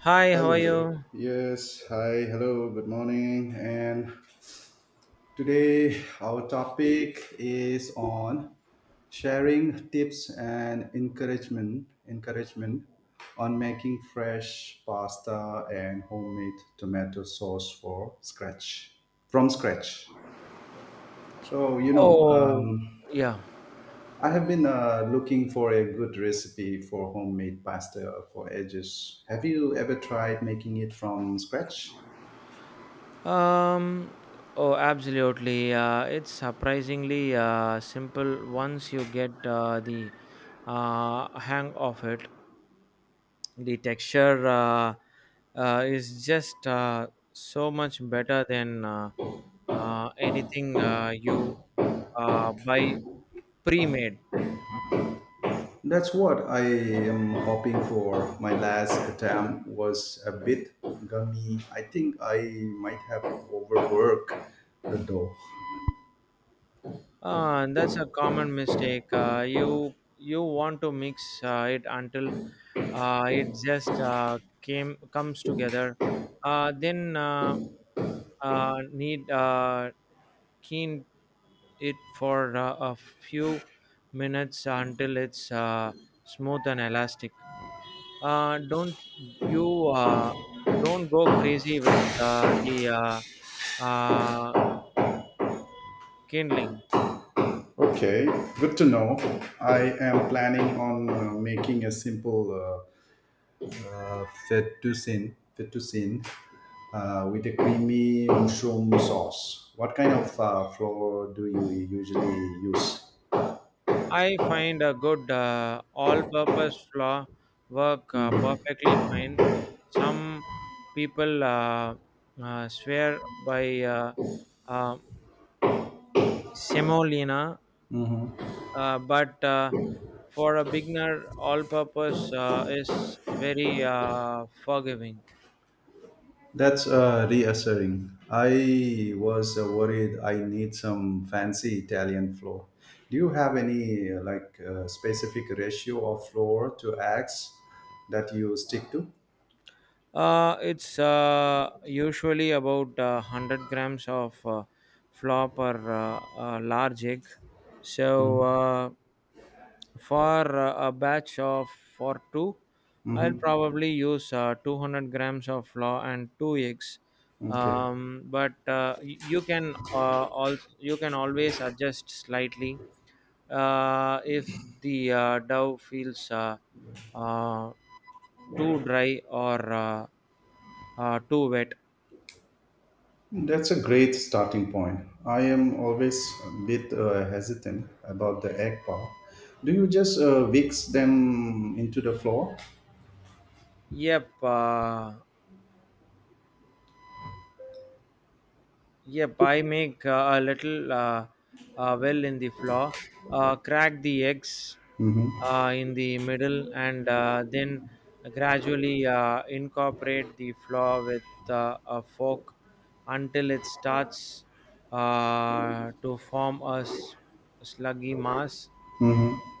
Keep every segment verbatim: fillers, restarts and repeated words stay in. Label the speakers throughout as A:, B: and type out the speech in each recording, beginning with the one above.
A: Hi, how are
B: Hello.
A: you?
B: Yes. Hi. Hello. Good morning. And today our topic is on sharing tips and encouragement encouragement on making fresh pasta and homemade tomato sauce for scratch from scratch. So you know,
A: Oh,
B: um,
A: yeah.
B: I have been uh, looking for a good recipe for homemade pasta for ages. Have you ever tried making it from scratch?
A: Um, oh, absolutely. Uh, it's surprisingly uh, simple once you get uh, the uh, hang of it. The texture uh, uh, is just uh, so much better than uh, uh, anything uh, you uh, buy pre-made.
B: That's what I am hoping for. My last attempt was a bit gummy. I think I might have overworked the dough.
A: Uh, and that's a common mistake. Uh, you you want to mix uh, it until uh, it just uh, came comes together. Uh, then uh, uh, need uh, keen it for uh, a few minutes until it's uh, smooth and elastic. Uh, don't you uh, don't go crazy with uh, the uh, uh, kindling.
B: Okay, good to know. I am planning on uh, making a simple uh, uh, fettuccine, fettuccine uh, with a creamy mushroom sauce. What kind of uh, flour do you usually use?
A: I find a good uh, all-purpose floor work uh, perfectly fine. Some people uh, uh, swear by uh, uh, semolina, uh, but uh, for a beginner, all-purpose uh, is very uh, forgiving.
B: That's uh, reassuring. I was uh, worried I need some fancy Italian floor. Do you have any uh, like uh, specific ratio of floor to eggs that you stick to?
A: Uh, it's uh, usually about uh, one hundred grams of uh, flop or uh, a large egg. So, uh, for uh, a batch of for two, I'll
B: Mm-hmm.
A: probably use uh, two hundred grams of flour and two eggs.
B: Okay,
A: Um, but uh, y- you can uh, also you can always adjust slightly uh, if the uh, dough feels uh, uh, too dry or uh, uh, too wet.
B: that's a great starting point. I am always a bit uh, hesitant about the egg part. Do you just uh, mix them into the floor?
A: Yep. Uh, yep. I make uh, a little uh, uh, well in the flour. Uh, crack the eggs uh, in the middle, and uh, then gradually uh, incorporate the flour with uh, a fork until it starts uh, to form a s- sluggy mass,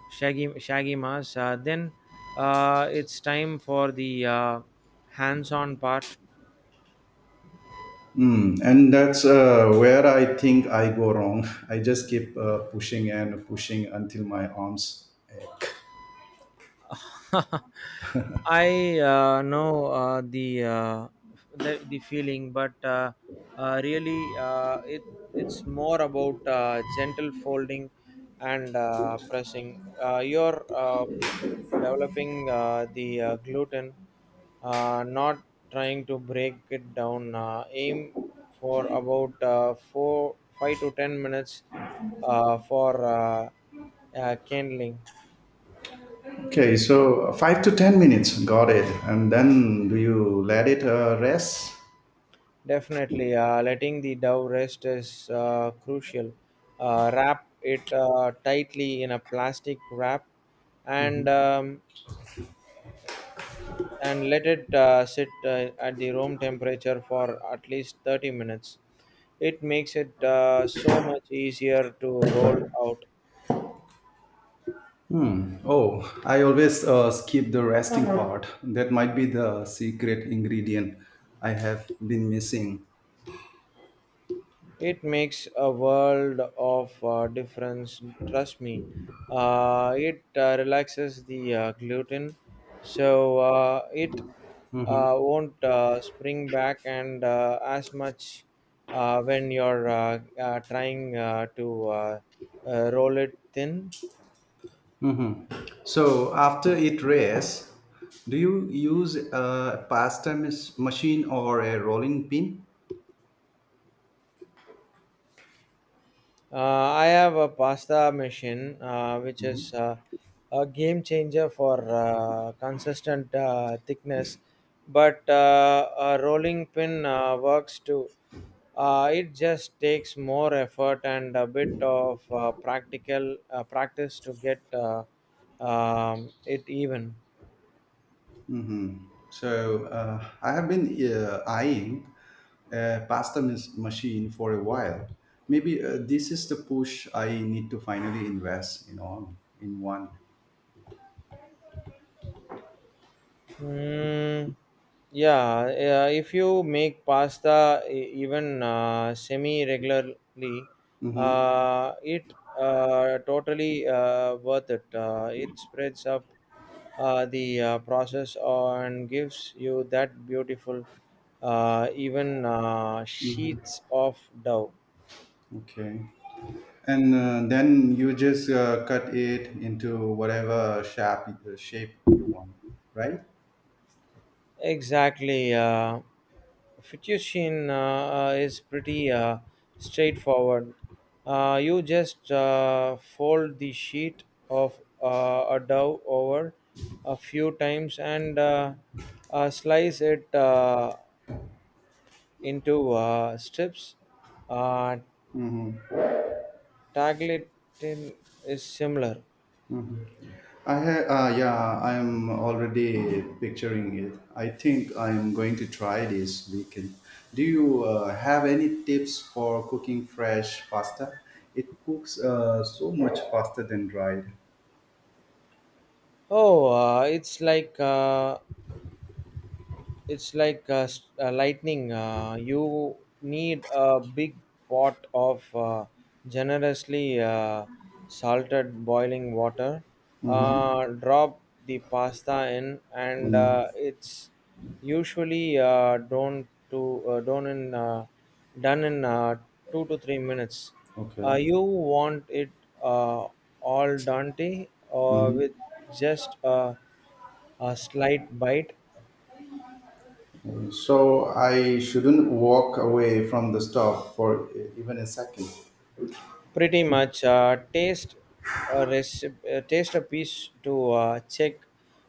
A: shaggy shaggy mass. Uh, then uh, it's time for the uh, hands-on part.
B: Mm, and that's uh, where I think I go wrong. I just keep uh, pushing and pushing until my arms.
A: I uh, know uh, the, uh, the the feeling, but uh, uh, really, uh, it it's more about uh, gentle folding and uh, pressing. Uh, you're uh, developing uh, the uh, gluten, uh, not trying to break it down. Uh, aim for about uh, four, five to ten minutes uh, for uh, uh, kindling.
B: Okay, so five to ten minutes, got it. And then do you let it uh, rest?
A: Definitely, uh, letting the dough rest is uh, crucial. Uh, wrap it uh, tightly in a plastic wrap and um, and let it uh, sit uh, at the room temperature for at least thirty minutes. It makes it uh, so much easier to roll out.
B: Oh, I always uh, skip the resting. Uh-huh. Part that might be the secret ingredient I have been missing.
A: It makes a world of uh, difference, trust me. Uh, it uh, relaxes the uh, gluten so uh, it uh, won't uh, spring back and uh, as much uh, when you're uh, uh, trying uh, to uh, uh, roll it thin.
B: Mhm. So after it rests, do you use a pasta mis- machine or a rolling pin?
A: Uh, I have a pasta machine, uh, which is uh, a game changer for uh, consistent uh, thickness, but uh, a rolling pin uh, works too. Uh, it just takes more effort and a bit of uh, practical uh, practice to get uh, um, it even.
B: So uh, I have been uh, eyeing a pasta mis- machine for a while. Maybe uh, this is the push I need to finally invest in on in one.
A: Mm, yeah, yeah, if you make pasta e- even uh, semi regularly,
B: Mm-hmm.
A: uh, it uh, totally uh, worth it. Uh, it spreads up uh, the uh, process and gives you that beautiful, uh, even uh,
B: Mm-hmm.
A: sheets of dough.
B: Okay. And uh, then you just uh, cut it into whatever shape uh, shape you want, right?
A: Exactly. Uh, fettuccine uh, uh, is pretty uh, straightforward. Uh, you just uh, fold the sheet of uh, a dough over a few times and uh, uh, slice it uh, into uh, strips. Uh, Tagliatelle is similar.
B: I ha- uh, yeah, I'm already picturing it. I think I'm going to try this weekend. Do you uh, have any tips for cooking fresh pasta? It cooks uh, so much faster than dried.
A: Oh, uh, it's like uh, it's like uh, s- uh, lightning. Uh, you need a big pot of uh, generously uh, salted boiling water.
B: Mm-hmm.
A: Uh, drop the pasta in, and uh, it's usually uh, done to uh, done in uh, done in uh, two to three minutes. Uh,
B: Okay.
A: you want it uh, all dante or with just a, a slight bite.
B: So I shouldn't walk away from the stove for e- even a second.
A: Pretty much uh, taste a recipe, uh, taste a piece to uh, check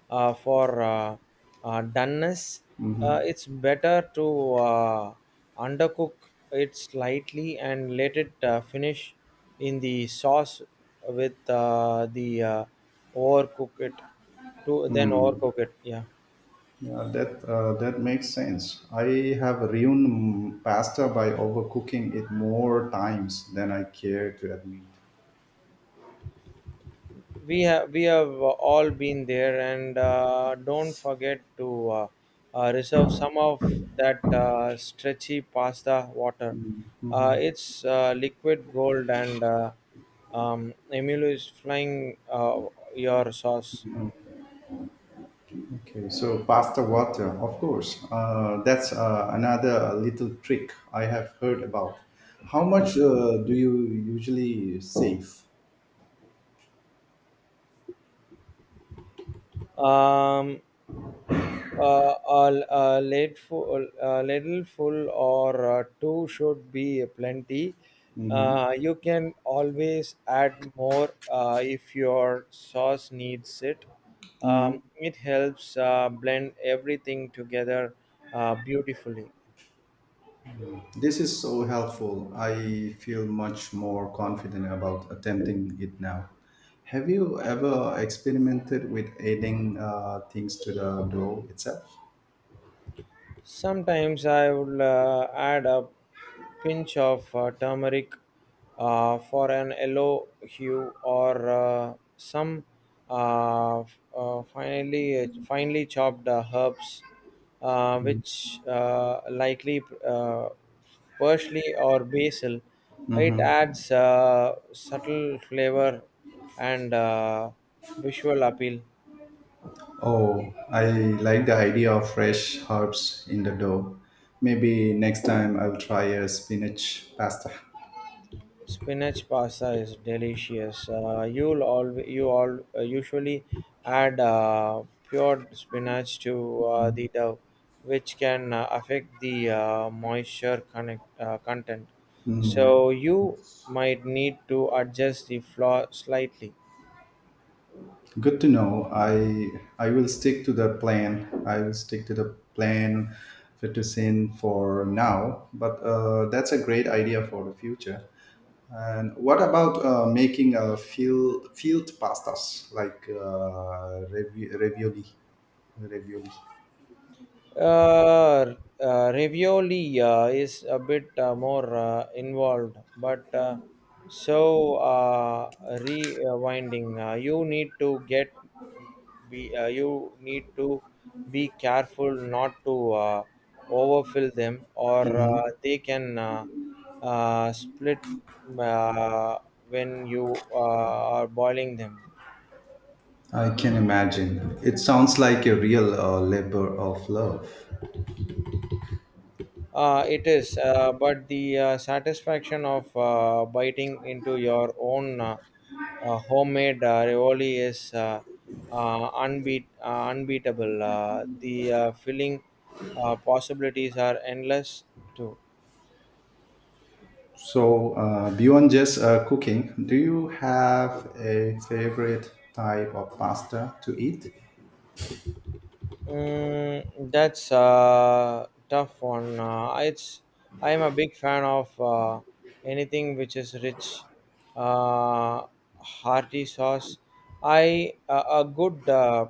A: uh, for uh, uh, doneness. Uh, it's better to uh, undercook it slightly and let it uh, finish in the sauce with uh, the uh, overcook it to then overcook it. Yeah.
B: Yeah, that uh, that makes sense. I have ruined mm, pasta by overcooking it more times than I care to admit.
A: we have we have all been there and uh, don't forget to uh, uh, reserve some of that uh, stretchy pasta water. Uh, it's uh, liquid gold and uh, um, emilio is flying uh, your sauce.
B: Okay, so pass the water, of course. Uh, that's uh, another little trick I have heard about. How much uh, do you usually save?
A: um, uh, a, a late full, a little full or uh, two should be plenty.
B: Mhm.
A: Uh, you can always add more uh, if your sauce needs it. Um,
B: Mm.
A: it helps uh, blend everything together uh, beautifully.
B: This is so helpful. I feel much more confident about attempting it now. Have you ever experimented with adding uh, things to the dough itself?
A: Sometimes I would uh, add a pinch of uh, turmeric uh, for an yellow hue or uh, some uh, f- uh, finely finely chopped uh, herbs, uh, which uh, likely uh, parsley or basil. It
B: Mhm.
A: adds uh, subtle flavor and uh, visual appeal.
B: Oh, I like the idea of fresh herbs in the dough. Maybe next time I'll try a spinach pasta.
A: Spinach pasta is delicious. Uh, you'll all you all uh, usually add uh, pure spinach to uh, the dough, which can uh, affect the uh, moisture connect, uh, content. So you might need to adjust the flour slightly.
B: Good to know. I I will stick to the plan. I will stick to the plan fettuccine for now. But uh, that's a great idea for the future. And what about uh, making a field field pastas like uh, ravi- ravioli? Ravioli.
A: Uh, uh, Ravioli uh, is a bit uh, more uh, involved, but uh, so uh, rewinding. Uh, you need to get be uh, you need to be careful not to uh, overfill them, or uh,
B: Mhm.
A: they can uh, uh, split uh, when you uh, are boiling them.
B: I can imagine. It sounds like a real uh, labor of love.
A: Uh, it is, uh, but the uh, satisfaction of uh, biting into your own uh, uh, homemade uh, ravioli is uh, uh, unbeat, uh, unbeatable. Uh, the uh, filling uh, possibilities are endless too.
B: So, uh, beyond just uh, cooking, do you have a favorite type of pasta to eat?
A: Mm, that's a tough one. Uh, it's I am a big fan of uh, anything which is rich, uh, hearty sauce. I uh, a a good uh,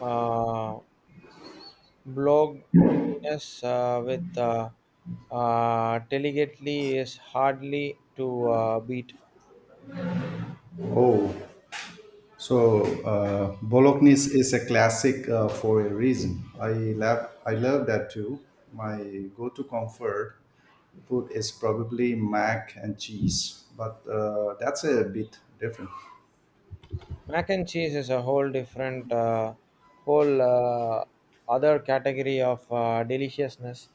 A: uh, blogginess uh, with uh, uh, delicately is hardly to uh, beat.
B: Oh, so uh, bolognese is a classic uh, for a reason. I love I love that too. My go-to comfort food is probably mac and cheese, but uh, that's a bit different.
A: Mac and cheese is a whole different uh, whole uh, other category of uh, deliciousness,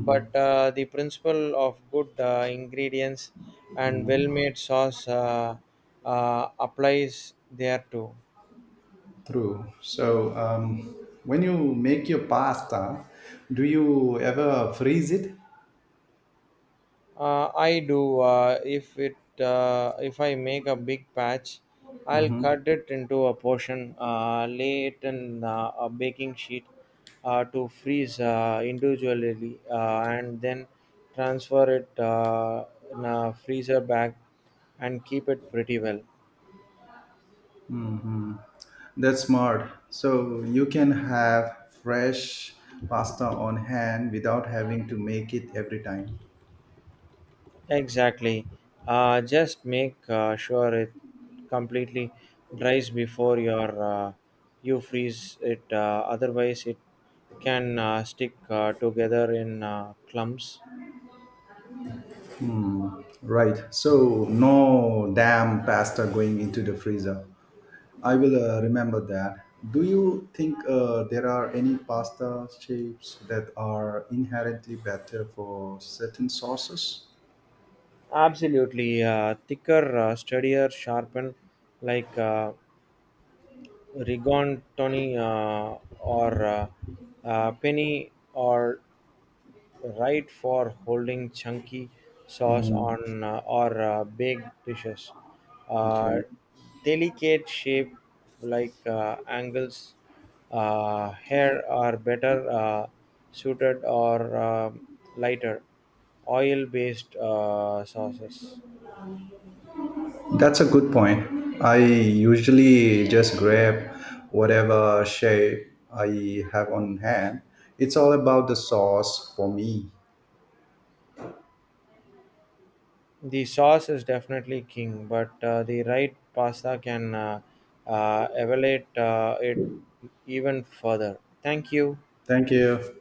A: but uh, the principle of good uh, ingredients and well made sauce uh, uh, applies there too.
B: True. So, um, when you make your pasta, do you ever freeze it?
A: Uh, I do. Uh, if it uh, if I make a big patch, I'll cut it into a portion, uh, lay it in uh, a baking sheet uh, to freeze uh, individually, uh, and then transfer it uh, in a freezer bag and keep it pretty well.
B: That's smart. So, you can have fresh pasta on hand without having to make it every time.
A: Exactly. Uh, just make uh, sure it completely dries before your uh, you freeze it. Uh, otherwise, it can uh, stick uh, together in uh, clumps.
B: Right. So, no damn pasta going into the freezer. I will uh, remember that. Do you think uh, there are any pasta shapes that are inherently better for certain sauces?
A: Absolutely, uh, thicker, uh, steadier, sharpen like uh, rigatoni uh, or uh, uh, penny or Right for holding chunky sauce
B: Mm,
A: on uh, or uh, baked dishes. Uh,
B: okay.
A: Delicate shape like uh, angles, uh, hair are better uh, suited or um lighter oil based uh, sauces.
B: That's a good point. I usually just grab whatever shape I have on hand. It's all about the sauce for me.
A: The sauce is definitely king, but uh, the right pasta can uh, uh, elevate uh, it even further. Thank you.
B: Thank you.